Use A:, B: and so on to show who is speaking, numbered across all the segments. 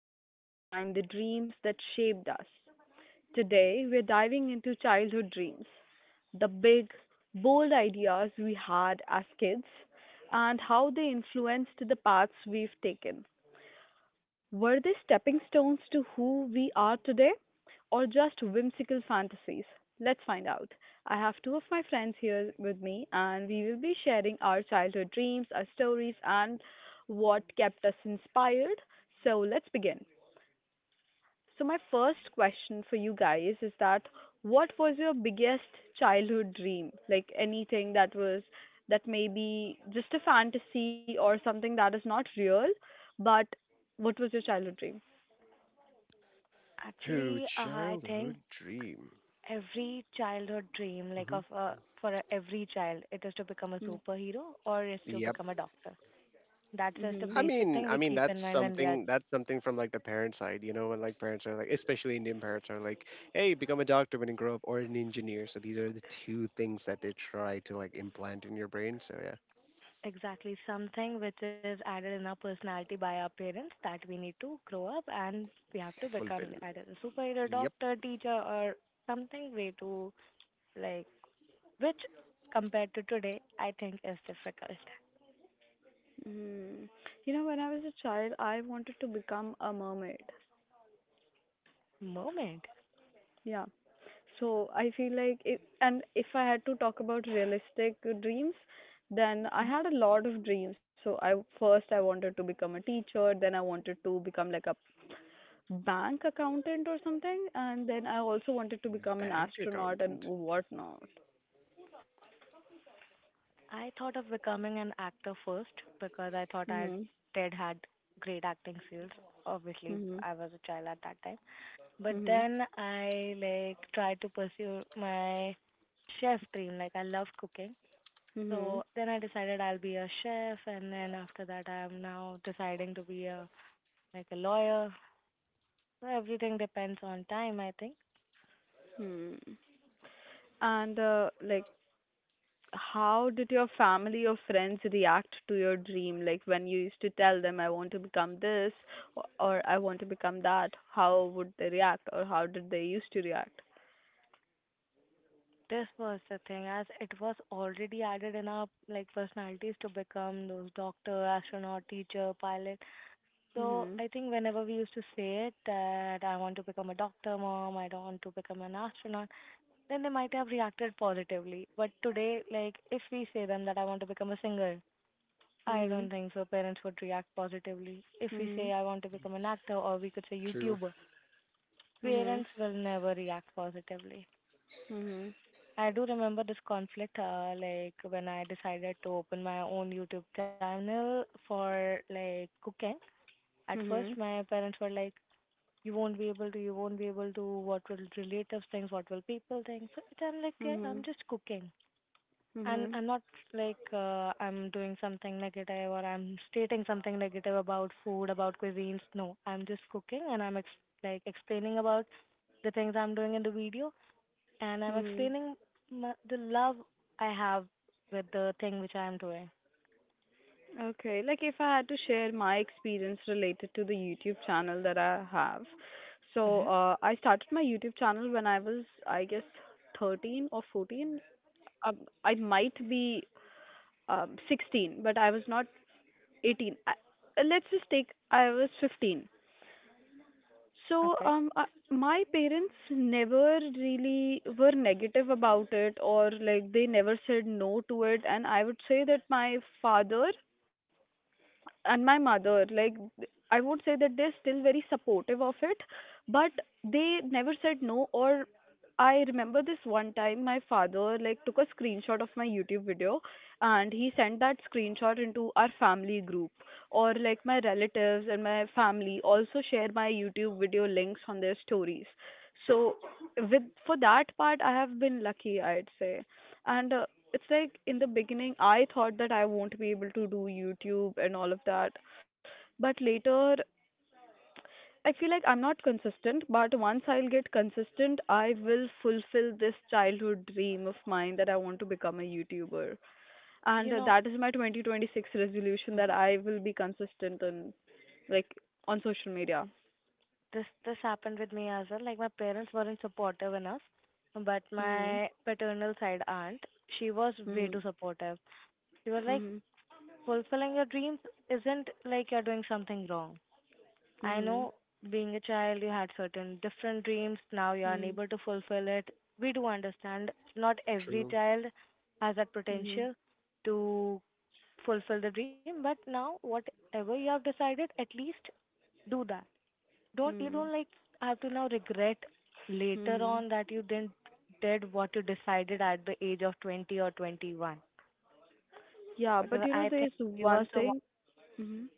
A: stories behind the dreams that shaped us. Today, we're diving into childhood dreams, the big, bold ideas we had as kids, and how they influenced the paths we've taken. Were they stepping stones to who we are today, or just whimsical fantasies? Let's find out. I have two of my friends here with me, and we will be sharing our childhood dreams, our stories, and what kept us inspired. So, let's begin. So, my first question for you guys is that what was your biggest childhood dream? Like anything that was that may be just a fantasy or something that is not real, but what was your childhood dream?
B: Actually,
C: Who
B: I think
C: childhood dream?
B: every childhood dream, like
C: Hmm.
B: of every child, it is to become a
A: Mm.
B: superhero or is to
C: Yep.
B: become a doctor. That's just a
C: I
A: Mhm.
B: basic
C: mean,
B: thing
C: I
B: we
C: mean
B: keep
C: that's
B: in mind when we are
C: something that's something from like the parent side, you know, when like parents are like, especially Indian parents are like, "Hey, become a doctor when you grow up, or an engineer." So these are the two things that they try to like implant in your brain. So yeah,
B: exactly something which is added in our personality by our parents that we need to grow up and we have to become
C: fulfill.
B: either a superhero,
C: Yep.
B: doctor, teacher, or something way to like which compared to today, I think is difficult
A: Mhm. You know, when I was a child, I wanted to become a mermaid.
B: moment.
A: Yeah. So I feel like it, and if I had to talk about realistic dreams, then I
B: Mm-hmm.
A: had a lot of dreams. So I first I wanted to become a teacher, then I wanted to become like a bank accountant or something, and then I also wanted to become an
C: Bank
A: astronaut and
C: accountant.
A: whatnot.
B: I thought of becoming an actor first because I thought I
A: Mhm.
B: did had great acting skills. Obviously,
A: Mhm.
B: I was a child at that time. But
A: Mhm.
B: then I like tried to pursue my chef dream. Like I loved cooking. So
A: Mhm.
B: then I decided I'll be a chef, and then after that I'm now deciding to be a like a lawyer. So everything depends on time, I think.
A: Hmm. And like, how did your family or friends react to your dream? Like when you used to tell them, I want to become this or I want to become that, how would they react, or how did they used to react?
B: This was the thing, as it was already added in our like personalities to become those doctor, astronaut, teacher, pilot. So
A: Mm-hmm.
B: I think whenever we used to say it that I want to become a doctor, mom, I don't want to become an astronaut, then they might have reacted positively. But today, like if we say them that I want to become a singer, I
A: Mm-hmm.
B: don't think so. Parents would react positively. If we say I want to become an actor, or we could say
C: True.
B: YouTuber,
A: Mm-hmm.
B: parents will never react positively.
A: Mm-hmm.
B: I do remember this conflict, like when I decided to open my own YouTube channel for like cooking. At
A: Mm-hmm.
B: first,
A: Mm-hmm.
B: my parents were like, "You won't be able to. You won't be able to. What will relatives think? What will people think?" So it, I'm like, "Yeah, I'm
A: Mm-hmm.
B: just cooking, and
A: Mm-hmm.
B: I'm not like I'm doing something negative, or I'm stating something negative about food, about cuisines. No, I'm just cooking, and I'm like explaining about the things I'm doing in the video, and I'm
A: Mm-hmm.
B: explaining the love I have with the thing which I'm doing.
A: Okay, like if I had to share my experience related to the YouTube channel that I have. So,
B: Mhm.
A: I started my YouTube channel when I was, I guess, 13 or 14, um, I might be 16, but I was not 18. Let's just take I was 15. So
B: Okay.
A: my parents never really were negative about it, or like, they never said no to it. And I would say that my father and my mother, like, I would say that they're still very supportive of it, but they never said no, or I remember this one time my father like took a screenshot of my YouTube video, and he sent that screenshot into our family group, or like, my relatives and my family also share my YouTube video links on their stories. So with for that part I have been lucky, I'd say. And it's like in the beginning I thought that I won't be able to do YouTube and all of that. But later I feel like I'm not consistent, but once I'll get consistent, I will fulfill this childhood dream of mine that I want to become a YouTuber.
B: You
A: And
B: know,
A: that is my 2026 resolution, that
B: mhm,
A: I will be consistent like on social media.
B: this happened with me as well. Like my parents weren't supportive enough, but
A: Mhm.
B: my paternal side aunt, she was way
A: Mhm.
B: too supportive. She was like,
A: Mhm.
B: fulfilling your dreams isn't like you're doing something wrong. I
A: Mhm.
B: know being a child you had certain different dreams, now you are
A: Mhm.
B: unable to fulfill it. We do understand not every
C: True.
B: child has that
A: Mhm.
B: potential to fulfill the dream, but now whatever you have decided, at least do that. Don't You
A: Mhm.
B: don't like have to now regret later
A: Mhm.
B: on that you didn't did what you decided at the age of 20 or 21,
A: Yeah, but
B: because
A: you know,
B: I
A: there
B: think
A: is
B: he was
A: one
B: the
A: thing. Mhm.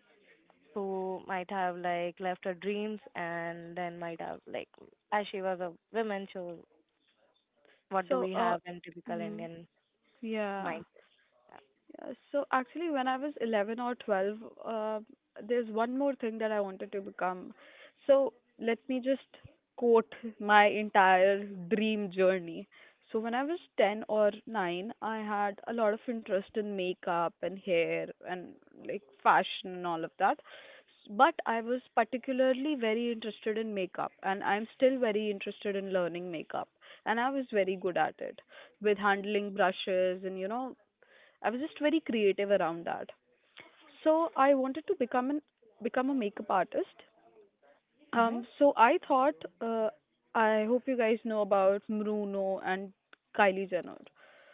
B: who might have like left her dreams and then might have like, as she was a woman, so what do
A: So,
B: we have in typical
A: mm,
B: Indian
A: yeah.
B: mindset. Yeah.
A: Yeah, so actually when I was 11 or 12, uh, there's one more thing that I wanted to become. So, let me just quote my entire dream journey. So when I was 10 or 9, I had a lot of interest in makeup and hair and like, fashion and all of that. But I was particularly very interested in makeup, and I'm still very interested in learning makeup, and I was very good at it with handling brushes, and I was just very creative around that. So I wanted to become a makeup artist.
B: Hmm.
A: So I thought, uh, I hope you guys know about Bruno and Kylie Jenner.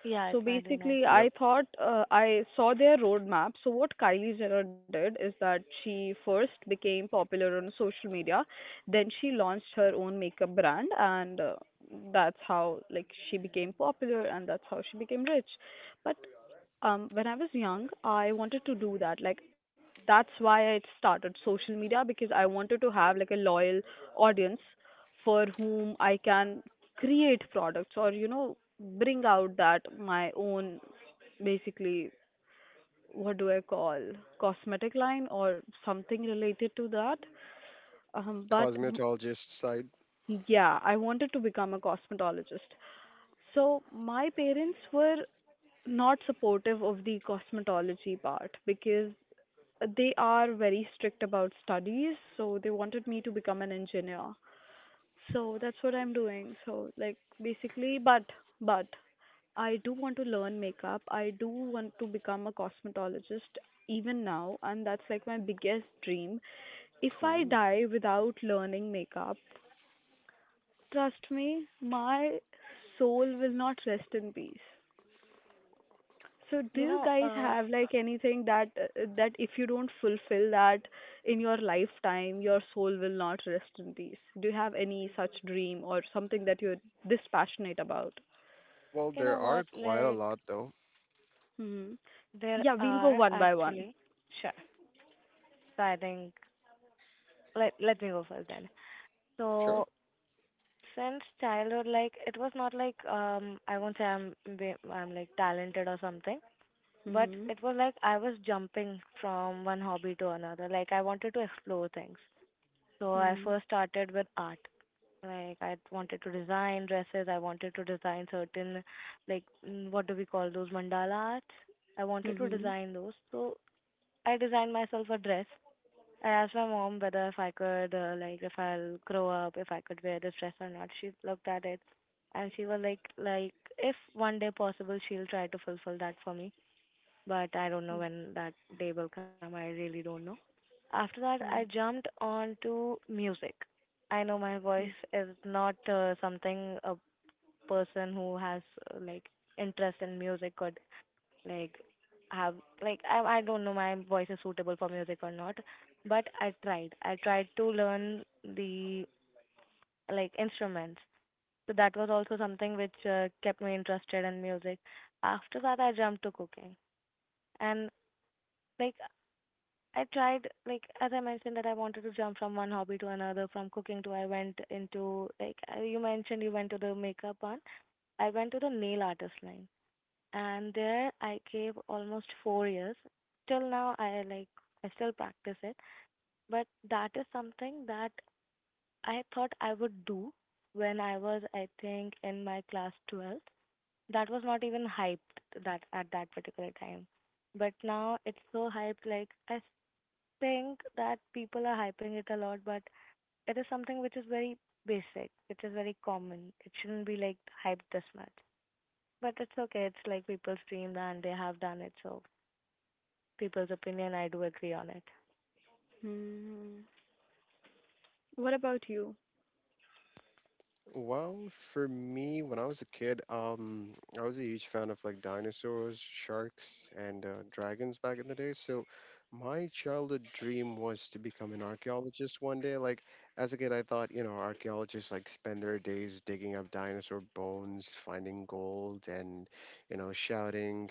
B: Yeah,
A: So
B: I do know.
A: basically, I
C: Yep.
A: thought, I saw their roadmap. So what Kylie Jenner did is that she first became popular on social media, then she launched her own makeup brand, and that's how, like, she became popular, and that's how she became rich. But when I was young, I wanted to do that. Like, that's why I started social media, because I wanted to have like a loyal audience for whom I can create products, or bring out that my own, basically, what do I call, cosmetic line or something related to that. um but m-
C: Cosmetologist side.
A: yeah I wanted to become a cosmetologist. So my parents were not supportive of the cosmetology part, because they are very strict about studies, so they wanted me to become an engineer. So that's what I'm doing. So, like, basically, but I do want to learn makeup. I do want to become a cosmetologist even now, and that's like my biggest dream. If I
C: Cool.
A: die without learning makeup, trust me, my soul will not rest in peace. So do
B: You
A: you
B: know
A: guys have like anything that, that if you don't fulfill that in your lifetime, your soul will not rest in peace? Do you have any such dream or something that you're this passionate about?
C: Well,
B: you know
C: there are
B: what,
C: quite a
B: like
C: lot though.
A: Hmm.
B: there
A: Yeah, we'll go
B: are
A: one by one.
B: actually, sure, so I think, let me go first then. So
C: Sure.
B: since childhood, like, it was not like, I won't say I'm I'm like talented or something. But
A: Hmm.
B: it was like I was jumping from one hobby to another. Like I wanted to explore things. So I
A: Hmm.
B: first started with art. Like I wanted to design dresses. I wanted to design certain, like what do we call those mandala arts? I wanted to
A: Hmm.
B: design those. So I designed myself a dress. I asked my mom whether if I could, like, if I'll grow up, if I could wear this dress or not. She looked at it, and she was like, if one day possible, she'll try to fulfill that for me, but I don't know when that day will come. I really don't know. After that, I
A: Hmm.
B: jumped on to music. I know my voice is not something a person who has like interest in music could like have, like I don't know my voice is suitable for music or not, but I tried. I tried to learn the like instruments. So that was also something which kept me interested in music. After that, I jumped to cooking, and like I tried, like, as I mentioned, that I wanted to jump from one hobby to another, from cooking to I went into, like, you mentioned you went to the makeup one. I went to the nail artist line. And there I gave almost 4 years. Till now, I like, I still practice it. But that is something that I thought I would do when I was, I think, in my class 12th. That was not even hyped that at that particular time. But now it's so hyped, like, I think that people are hyping it a lot, but it is something which is very basic, which is very common. It shouldn't be like hyped this much. But it's okay. It's like people's dream and they have done it. So people's opinion, I do agree on it.
A: Hmm. What about you?
C: Well, for me, when I was a kid, I was a huge fan of like dinosaurs, sharks, and dragons back in the day. So my childhood dream was to become an archaeologist one day. Like as a kid, I thought, you know, archaeologists like spend their days digging up dinosaur bones, finding gold, and you know, shouting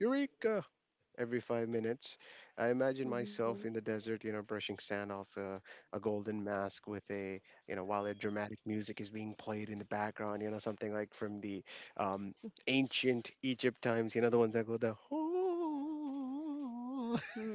C: "Eureka!" every 5 minutes. I imagine
A: Hmm.
C: myself in the desert, you know, brushing sand off a golden mask with a, you know, while a dramatic music is being played in the background, you know, something like from the um, ancient Egypt times, you know, the ones that go the.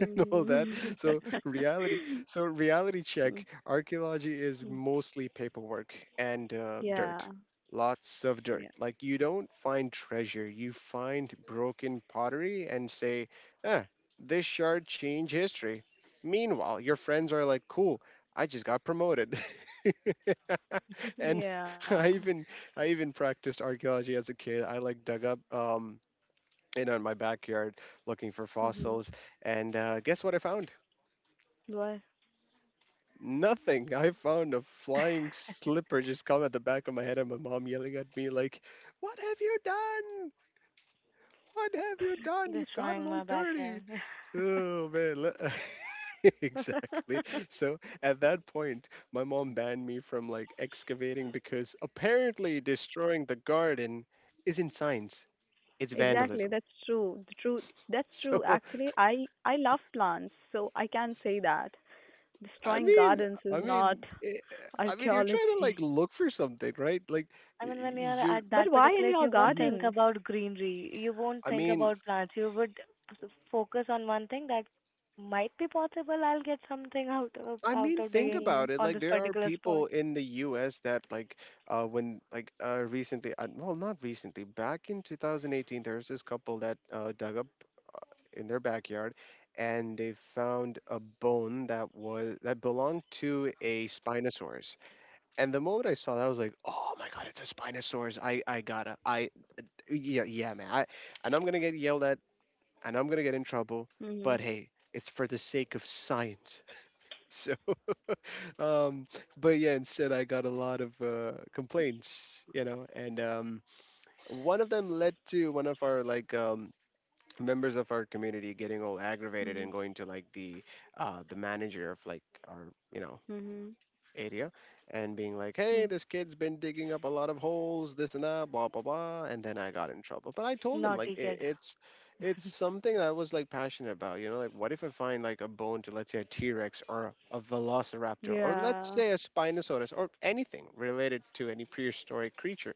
C: And all that. So reality, so reality check. Archaeology is mostly paperwork and
A: Yeah.
C: dirt. Lots of dirt.
A: Yeah.
C: Like you don't find treasure, you find broken pottery and say, "Ah, this shard changed history." Meanwhile, your friends are like, "Cool, I just got promoted." And
A: Yeah.
C: I even I even practiced archaeology as a kid. I like dug up you know in my backyard looking for
A: Hmm.
C: fossils and guess what I found? Nothing. I found a flying slipper just come at the back of my head and my mom yelling at me like, "What have you done? What have you done? You've gotten
B: Destroying
C: all
B: my
C: dirty."
B: backyard.
C: Oh man, exactly. So at that point, my mom banned me from like excavating because apparently destroying the garden isn't science. It's
A: Exactly,
C: vandalism.
A: that's true. The truth, that's
C: So
A: true. Actually, I love plants, so I can say that
C: I
A: destroying
C: mean,
A: gardens is
C: I
A: not
C: mean, eh, I mean, you're trying to like
A: archaeology.
C: look for something, right? Like
B: I
C: y-
B: mean, when you're
C: you're
B: at that
A: But why
B: particular
A: in
B: age,
A: your
B: you won't
C: Mhm.
B: think
A: garden?
B: about greenery, you won't
C: I
B: think
C: mean,
B: about plants, you would focus on one thing that might be possible. I'll get something out of
C: I
B: out
C: mean,
B: of
C: think
B: digging
A: Mhm.
C: about it.
B: on
C: Like
B: this
C: there are
B: particular spot.
C: people in the U.S. that like when like recently, well, not recently, back in 2018, there was this couple that dug up in their backyard, and they found a bone that belonged to a spinosaurus. And the moment I saw that, I was like, "Oh my God, it's a spinosaurus! I gotta I Yeah, yeah man. I And I'm gonna get yelled at, and I'm gonna get in trouble. But
A: Mhm.
C: hey, it's for the sake of science. So. Um, but yeah, instead I got a lot of complaints, you know, and one of them led to one of our like members of our community getting all aggravated and
A: Mhm.
C: going to like the manager of like our you know
A: Mhm.
C: area and being like, hey,
A: Mhm.
C: this kid's been digging up a lot of holes, this and that, blah, blah, blah. And then I got in trouble. But I told him, like,
B: Naughty kid.
C: it's something that I was like passionate about. You know, like, what if I find like a bone to, let's say, a T Rex or a velociraptor or let's
A: Yeah.
C: say a Spinosaurus or anything related to any prehistoric creature?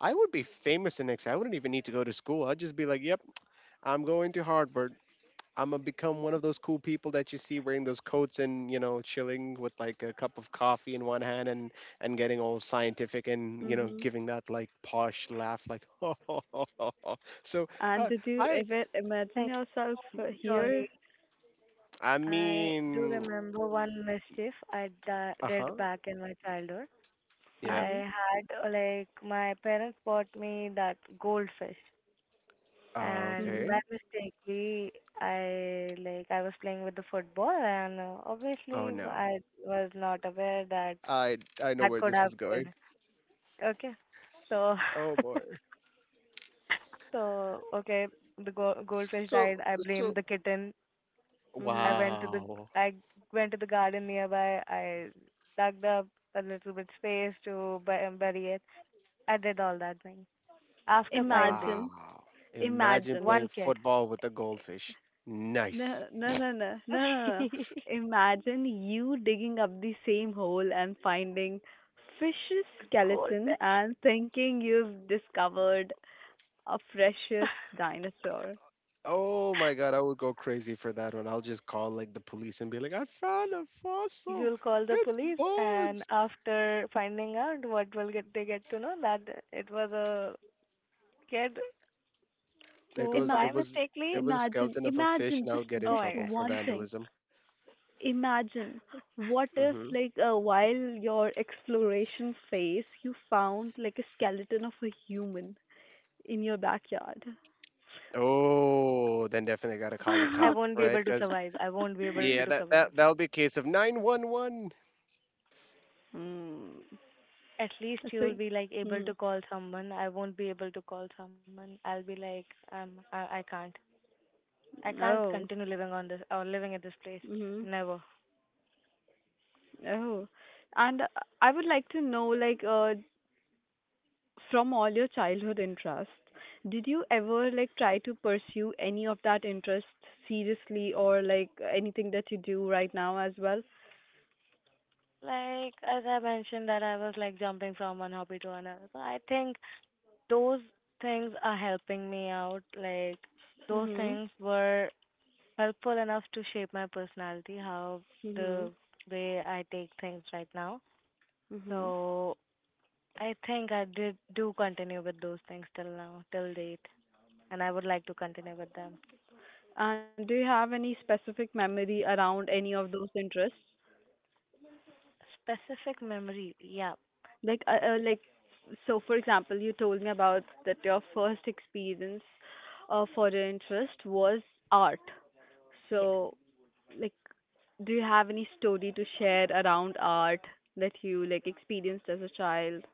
C: I would be famous the next. I wouldn't even need to go to school. I'd just be like, yep, I'm going to Harvard. I'm gonna become one of those cool people that you see wearing those coats and you know chilling with like a cup of coffee in one hand and getting all scientific and you know
A: Mhm.
C: giving that like posh laugh like ho ho ho ho ho. So
A: And
C: uh,
A: did you
C: I
A: ever imagine
B: Thank
A: yourself here?
B: Sorry,
C: I
B: I do
C: mean
B: remember one mischief I
C: Uh
B: did
C: huh.
B: back in my childhood.
C: Yeah.
A: Mhm.
B: I had like my parents bought me that goldfish,
C: Uh,
B: and
C: okay.
B: by
A: Mhm.
B: mistakely I like I was playing with the football, and
C: Oh
B: obviously
C: no.
B: I was not aware that
C: I I know
B: that
C: where
B: could
C: this
B: have
C: is
B: killed.
C: going.
B: Okay, so
C: Oh boy.
B: so okay, the goldfish died.
C: So,
B: I blamed
C: so
B: the kitten. i
A: Mhm.
B: went to the
C: wow.
B: i went to the garden nearby. I dug up a little bit space to bury it. I did all that thing. After five days,
A: Imagine.
C: Wow, imagine
A: Imagine.
B: one
C: playing
B: kid
C: football with a goldfish. Nice.
A: No, no, no, no, no, no, no.
B: the
A: Imagine you digging up the same hole and finding fish's skeleton
B: goldfish
A: and thinking you've discovered a precious dinosaur.
C: Oh my god, I would go crazy for that one. I'll just call like the police and be like, "I found a fossil.
B: You'll call the
C: It's
B: police, and
C: bones."
B: after finding out what will get they get to know that it was a kid
C: It
B: who
C: was it
B: by
A: Imagine,
C: was it
B: mistakenly,
C: was a
A: imagine,
C: skeleton of a fish,
A: imagine
C: and I would
A: just
C: get in
B: oh
A: just
B: my
C: trouble
B: god.
C: for
A: one thing.
C: vandalism.
A: Imagine what if,
C: Hmm.
A: like, while your exploration phase you found like a skeleton of a human in your backyard.
C: Oh, then definitely gotta call the
B: I
C: cops,
B: won't be
C: right?
B: able to
C: Because
B: survive. I won't be able to
C: yeah,
B: survive.
C: that'll be a case of 911.
A: Hmm.
B: At least
A: So,
B: you'll be like able
A: hmm.
B: to call someone. I won't be able to call someone. I'll be like, I can't. I can't
A: Oh.
B: continue living on this or living at this place.
A: Mhm.
B: Never.
A: Oh. And I would like to know, like, from all your childhood interests, did you ever like try to pursue any of that interest seriously, or like, anything that you do right now as well?
B: Like as I mentioned that I was like jumping from one hobby to another. So I think those things are helping me out. Like those
A: Mhm.
B: things were helpful enough to shape my personality, how
A: Mhm.
B: the way I take things right now.
A: Mhm.
B: So I think I did do continue with those things till now, till date, and I would like to continue with them.
A: And do you have any specific memory around any of those interests?
B: Specific memory, yeah,
A: Like, so for example, you told me about that your first experience, for your interest, was art.
B: yes.
A: So, like, do you have any story to share around art that you like experienced as a child?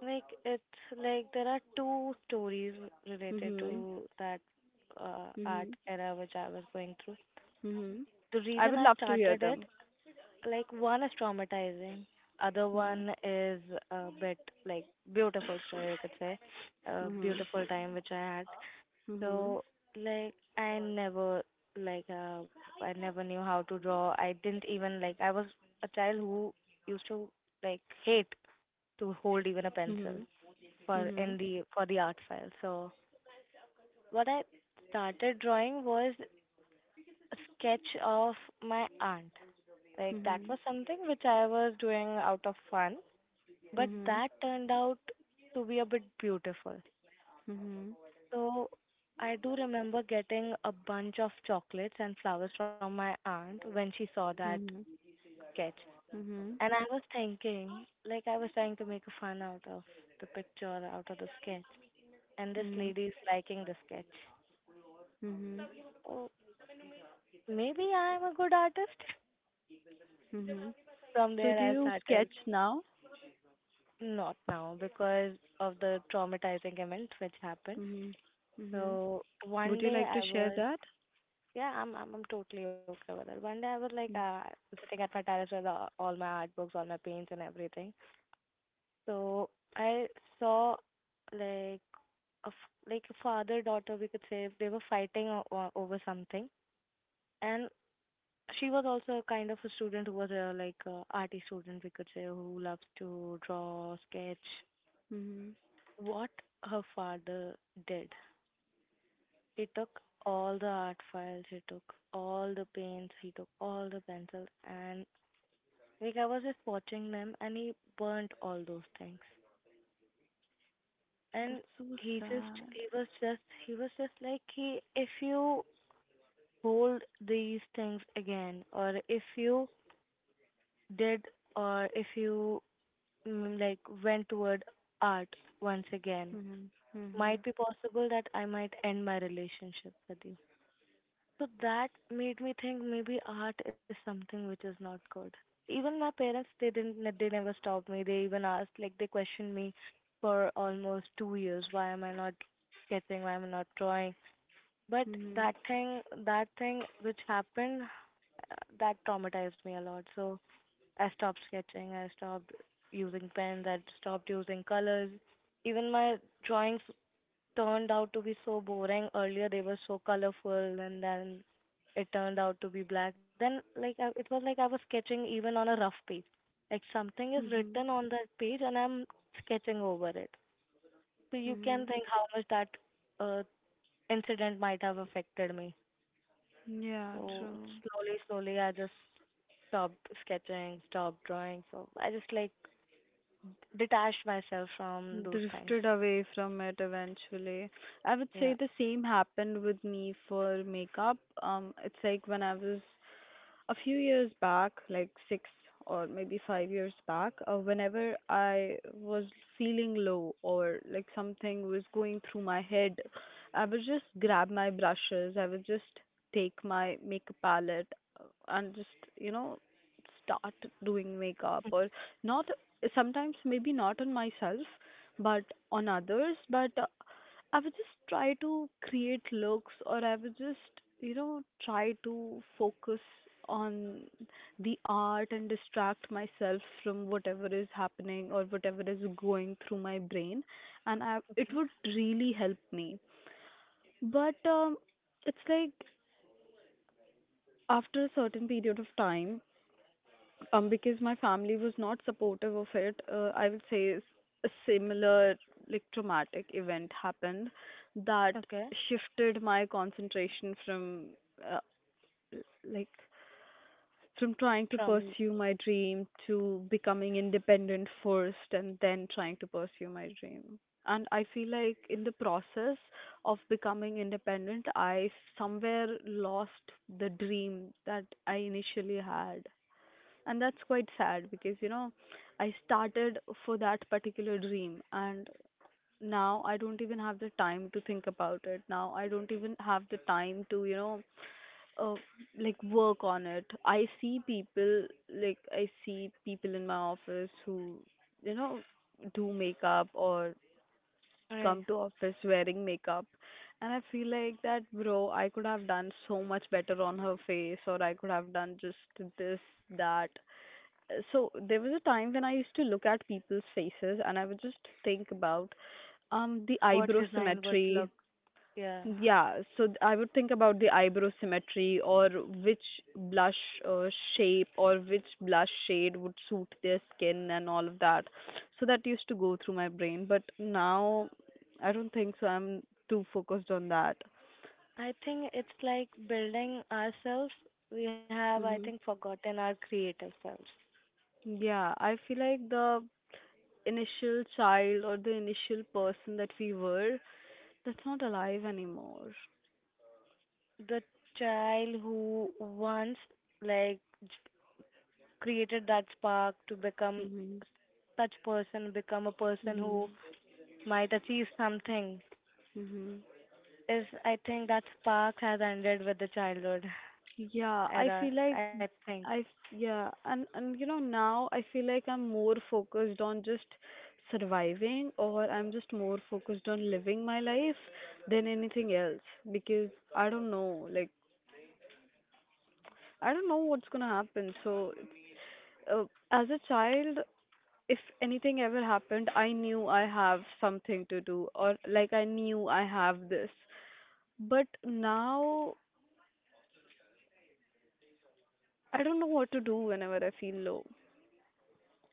B: Like it's like there are two stories related
A: Mhm.
B: to that art
A: Mhm.
B: era which I was going through.
A: Mhm.
B: The
A: I
B: reason
A: would
B: I
A: love to hear
B: started it.
A: them.
B: Like one is traumatizing, other
A: Mhm.
B: one is a bit like beautiful story we could say, a
A: Mhm.
B: beautiful time which I had.
A: Mhm.
B: So like I never like I never knew how to draw. I didn't even like I was a child who used to like hate to hold even a pencil
A: Mhm.
B: for
A: Mhm.
B: in the for the art file. So what I started drawing was a sketch of my aunt. Like that
A: Mhm.
B: was something which I was doing out of fun. But
A: Mhm.
B: that turned out to be a bit beautiful.
A: Mhm. Mhm.
B: So I do remember getting a bunch of chocolates and flowers from my aunt when she saw that
A: Mhm.
B: sketch. And I was thinking, like, I was trying to make a fun out of the picture, out of the sketch. And this
A: Mhm.
B: lady is liking the sketch.
A: Mhm.
B: So maybe I'm a good artist.
A: Mhm.
B: From
A: So, do
B: there, I
A: you sketch
B: started.
A: now?
B: Not now because of the traumatizing event which happened.
A: Mhm. Mhm.
B: So
A: Would
B: one
A: you
B: day
A: like to
B: I
A: share
B: was.
A: that?
B: Yeah, I'm totally okay with it. One day I was like sitting at my terrace with all my art books, all my paints and everything. So I saw like like a father daughter we could say, they were fighting over something, and she was also a kind of a student who was a like a arty student we could say, who loves to draw, sketch.
A: Mhm.
B: What her father did, he took all the art files, he took all the paints, he took all the pencils, and like I was just watching them, and he burnt all those things. And
A: That's so
B: he just
A: sad.
B: he was just he was just like, he, if you hold these things again, or if you did, or if you like went toward art once again,
A: Mhm.
B: might
A: Mhm.
B: be possible that I might end my relationship with you. So that made me think maybe art is something which is not good. Even my parents, they didn't, they never stopped me. They even asked, like, they questioned me for almost 2 years. Why am I not sketching? Why am I not drawing? But
A: Mhm.
B: that thing which happened, that traumatized me a lot. So I stopped sketching. I stopped using pens. I stopped using colors. Even my drawings turned out to be so boring. Earlier they were so colorful, and then it turned out to be black. Then it was like I was sketching even on a rough page. Like something is
A: Mhm.
B: written on that page and I'm sketching over it. So you can
A: Mhm.
B: think how much that uh, incident might have affected me.
A: Yeah,
B: So
A: true.
B: slowly, slowly I just stopped sketching, stopped drawing. So I just like detached myself from those things.
A: Drifted away from it eventually. I would
B: Yeah.
A: say the same happened with me for makeup. It's like when I was a few years back, like 6 or maybe 5 years back, whenever I was feeling low or like something was going through my head, I would just grab my brushes, I would just take my makeup palette, uh, and just, you know, start doing makeup, or not, sometimes maybe not on myself but on others, but I would just try to create looks, or I would just, try to focus on the art and distract myself from whatever is happening or whatever is going through my brain, and it
B: Okay.
A: would really help me. But it's like after a certain period of time. Because my family was not supportive of it, I would say, a similar, like, traumatic event happened that
B: Okay.
A: shifted my concentration uh, like from trying to
B: From
A: pursue my dream to becoming independent first, and then trying to pursue my dream. And I feel like in the process of becoming independent, I somewhere lost the dream that I initially had, and that's quite sad, because you know I started for that particular dream, and now I don't even have the time to think about it, now I don't even have the time to, uh, like, work on it. I see people in my office who you know do makeup or
B: right.
A: come to office wearing makeup, and I feel like, that bro, I could have done so much better on her face, or I could have done just this, that, so there was a time when I used to look at people's faces, and I would just think about the
B: What
A: eyebrow
B: design would
A: symmetry.
B: look, yeah,
A: Yeah, so I would think about the eyebrow symmetry, or which blush, uh, shape, or which blush shade would suit their skin and all of that. So that used to go through my brain, but now I don't think so. I'm too focused on that.
B: I think it's like building ourselves. We have, I
A: Hmm.
B: think, forgotten our creative selves.
A: Yeah, I feel like the initial child or the initial person that we were. That's not alive anymore.
B: The child who once like j- created that spark to become
A: Hmm.
B: such person, become a person
A: Hmm.
B: who might achieve something,
A: Hmm.
B: is, I think that spark has ended with the childhood
A: Yeah, I
B: era,
A: feel like,
B: I think.
A: yeah, and you know, now I feel like I'm more focused on just surviving, or I'm just more focused on living my life than anything else, because I don't know, like, I don't know what's gonna happen. So uh, as a child, if anything ever happened, I knew I have something to do, or like I knew I have this. But now I don't know what to do whenever I feel low.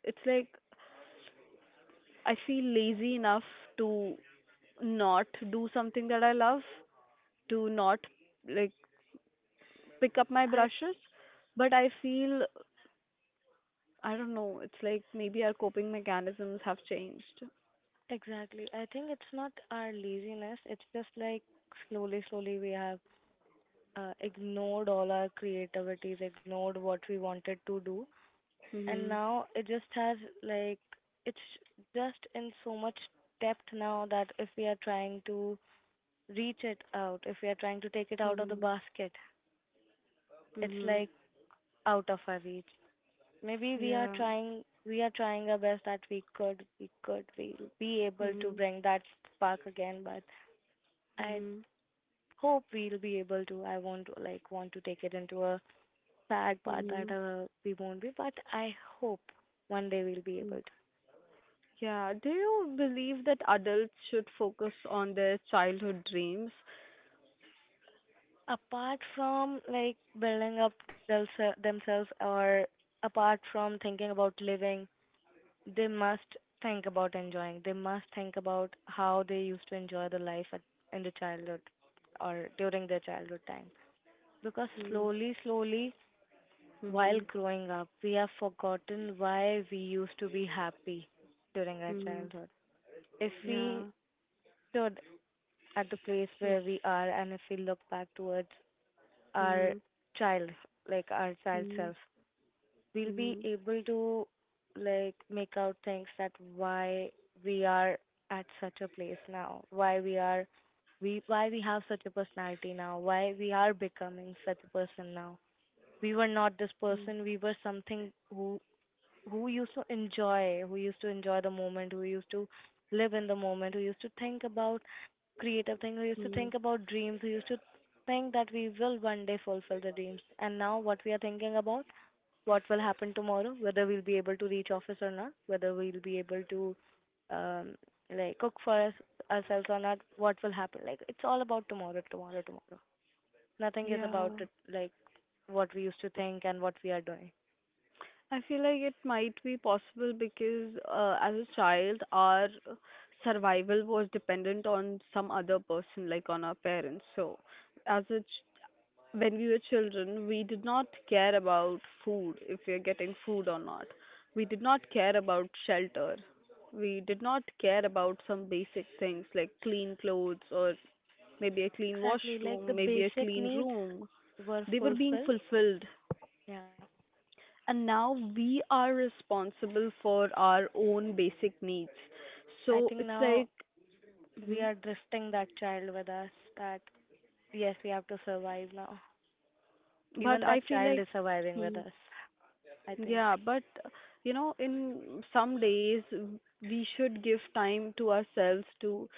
A: It's like I feel lazy enough to not do something that I love, to not like pick up my
B: I
A: brushes, but I feel I don't know, it's like maybe our coping mechanisms have changed.
B: Exactly, I think it's not our laziness, it's just like slowly, slowly we have ignored all our creativities, ignored what we wanted to do, and
A: Mhm.
B: now it just has, like, it's just in so much depth now that if we are trying to reach it out, if we are trying to take it out of the
A: Mhm.
B: basket, it's
A: Mhm.
B: like out of our reach. Maybe we are
A: Yeah.
B: trying we are trying our best that we could we'll be able to
A: Mhm.
B: bring that spark again, but I
A: Mhm.
B: hope we'll be able to. I want to like want to take it into a sad part that
A: Mhm.
B: we won't be, but I hope one day we'll be able
A: Mhm.
B: to.
A: Yeah, do you believe that adults should focus on their childhood dreams?
B: Apart from like building up themselves, or apart from thinking about living, they must think about enjoying. They must think about how they used to enjoy the life at, in the childhood, or during their childhood time. Because slowly, slowly, while
A: Mm-hmm.
B: growing up, we have forgotten why we used to be happy during our
A: Mm-hmm.
B: childhood. If we
A: Yeah.
B: should at the place where we are, and if we look back towards our
A: Mhm.
B: child, like our child
A: Mhm.
B: self, we'll be
A: Mhm.
B: able to like make out things that why we are at such a place now, why we are we why we have such a personality now, why we are becoming such a person now. We were not this
A: Mhm.
B: person, we were something who used to enjoy, who used to enjoy the moment, who used to live in the moment, who used to think about creative things, who used to
A: Mhm.
B: think about dreams, who used to think that we will one day fulfill the dreams. And now, what we are thinking about, what will happen tomorrow, whether we'll be able to reach office or not, whether we'll be able to um, like cook for us, ourselves or not, what will happen. Like it's all about tomorrow, tomorrow, tomorrow. Nothing is
A: Yeah,
B: about it, like what we used to think and what we are doing.
A: I feel like it might be possible because as a child, our survival was dependent on some other person, like on our parents. So, as a ch- when we were children, we did not care about food, if we are getting food or not. We did not care about shelter. We did not care about some basic things like clean clothes, or maybe a clean
B: Exactly, like the
A: washroom, maybe a
B: basic
A: clean
B: needs
A: room.
B: were
A: They were being
B: fulfilled.
A: fulfilled.
B: Yeah.
A: And now we are responsible for our own basic needs.
B: I
A: So
B: think
A: it's
B: now
A: like,
B: we
A: mhm,
B: are drifting that child with us, that yes, we have to survive now.
A: but
B: Even
A: I
B: that
A: feel
B: child
A: like,
B: is surviving with
A: hmm,
B: us, I think.
A: yeah, but in some days we should give time to ourselves to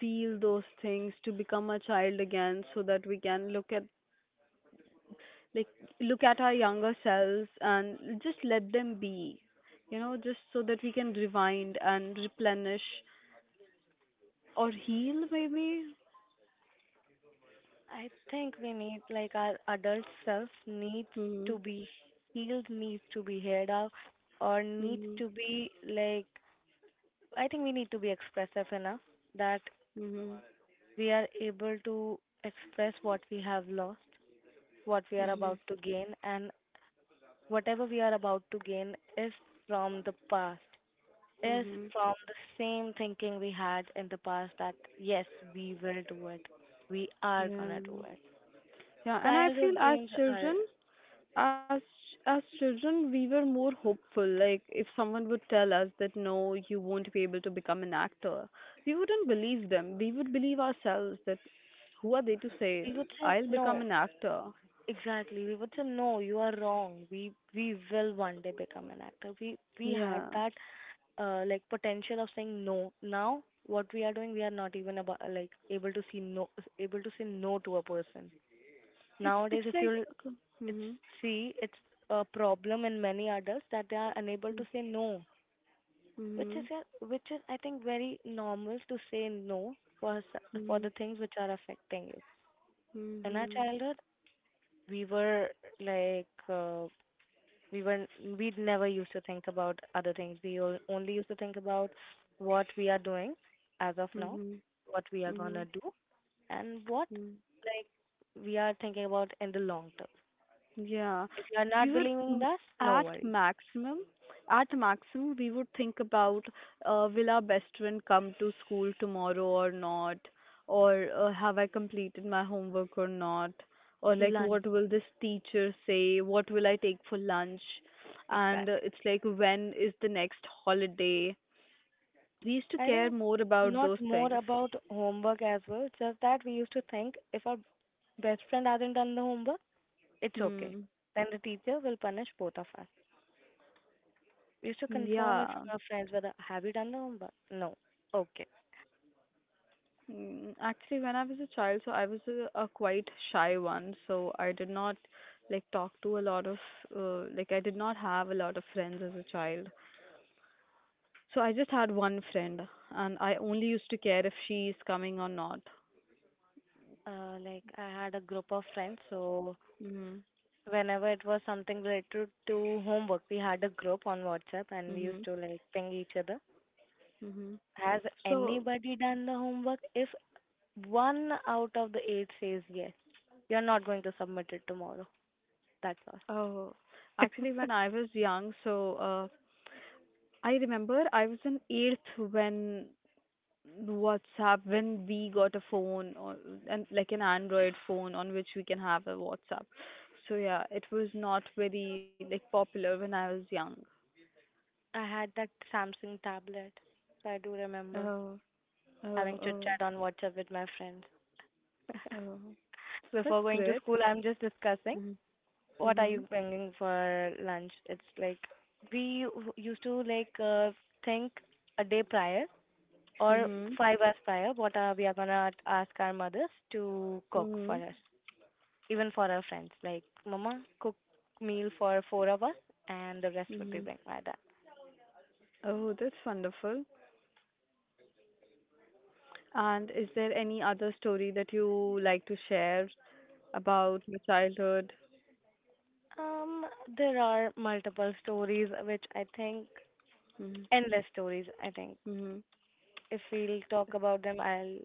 A: feel those things, to become a child again, so that we can look at, like, look at our younger selves and just let them be, you know, just so that we can rewind and replenish, or heal maybe.
B: I think we need like our adult self needs to
A: Mhm.
B: be healed, needs to be heard of, or needs
A: Mhm.
B: to be like, I think we need to be expressive enough that
A: Mhm.
B: we are able to express what we have lost, what we are
A: Mhm.
B: about to gain, and whatever we are about to gain is from the past, is
A: Mhm.
B: from the same thinking we had in the past that, yes, we will do it. We are
A: Yeah.
B: gonna do it.
A: Yeah, and I feel
B: Childhood
A: as
B: dreams
A: children,
B: are,
A: as as children we were more hopeful. Like, if someone would tell us that, no, you won't be able to become an actor, we wouldn't believe them. We would believe ourselves that, who are they to say
B: we
A: it,
B: would say,
A: I'll become
B: no,
A: an actor.
B: exactly. We would say, no, you are wrong. We will one day become an actor. We had
A: Yeah.
B: that like potential of saying no. Now what we are doing, we are not even about like able to see no, able to say no to a person.
A: It's
B: Nowadays, if
A: like
B: you'll It's
A: mhm.
B: see, it's a problem in many adults that they are unable
A: Mhm.
B: to say no, which which is, I think, very normal to say no for for the
A: Mhm.
B: things which are affecting you. In our
A: Mhm.
B: childhood, we were like we were we never used to think about other things. We only used to think about what we are doing as of now,
A: Mhm.
B: what we are gonna
A: Mhm.
B: do, and what
A: Mhm.
B: like we are thinking about in the long term.
A: Yeah,
B: If you are
A: we were
B: not
A: m-
B: believing us,
A: at
B: no
A: maximum, at maximum, we would think about, will our best friend come to school tomorrow or not, or have I completed my homework or not, or like
B: worry.
A: what will this teacher say, what will I take for lunch, and
B: Exactly.
A: it's like when is the next holiday. We used to
B: I
A: care
B: think
A: more about
B: not
A: those
B: more
A: things.
B: about homework as well, just that we used to think if our best friend hasn't done the homework, it's okay.
A: Hmm.
B: Then the teacher will punish both of us. We used to confirm it from
A: Yeah.
B: our friends whether have you done the homework? No. Okay.
A: Mm, actually, when I was a child, so I was a quite shy one, so I did not like talk to a lot of like I did not have a lot of friends as a child. So I just had one friend, and I only used to care if she is coming or not.
B: Like I had a group of friends, so
A: Mhm.
B: whenever it was something related to homework, we had a group on WhatsApp and we used
A: Mhm.
B: to like ping each other.
A: Mhm.
B: Has
A: So,
B: anybody done the homework? If one out of the eight says yes, you're not going to submit it tomorrow. That's all.
A: uh, actually, when I was young, I remember I was in eighth when WhatsApp when we got a phone, or and like an Android phone on which we can have a WhatsApp. So yeah, it was not very like popular when I was young.
B: I had that Samsung tablet. So I do remember
A: Oh, oh,
B: having chit chat
A: oh,
B: on WhatsApp with my friends.
A: oh.
B: Before
A: That's
B: going to
A: great.
B: school, I'm just discussing
A: Mhm,
B: what are you
A: mhm,
B: bringing for lunch. It's like used to like think a day prior or
A: mhm,
B: 5 hours prior what are we are gonna ask our mothers to cook for
A: mhm,
B: us, even for our friends. Like, Mama, cook meal for four of us, and the rest would be
A: mhm.
B: bring my dad.
A: Oh, that's wonderful. And is there any other story that you like to share about your childhood?
B: Um, there are multiple stories which I think
A: Mhm,
B: endless stories. I think
A: mhm,
B: if we'll talk about them, I'll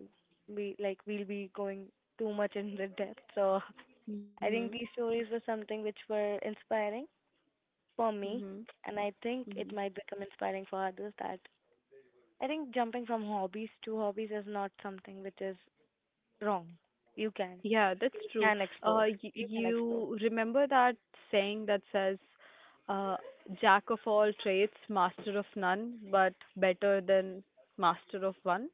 B: be like we'll be going too much in the depth. So I
A: mhm,
B: think these stories were something which were inspiring for me,
A: mhm,
B: and I think
A: mhm.
B: it might become inspiring for others. That I think jumping from hobbies to hobbies is not something which is wrong. You can
A: Yeah, that's
B: you
A: true.
B: can explore.
A: Y
B: You can explore.
A: you remember that saying that says, uh, "Jack of all trades, master of none, but better than master of one."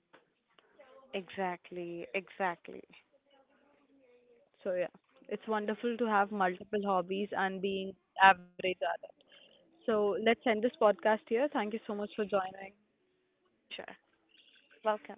B: Exactly. Exactly.
A: So yeah, it's wonderful to have multiple hobbies and being average at it. So let's end this podcast here. Thank you so much for joining.
B: Sure. Welcome.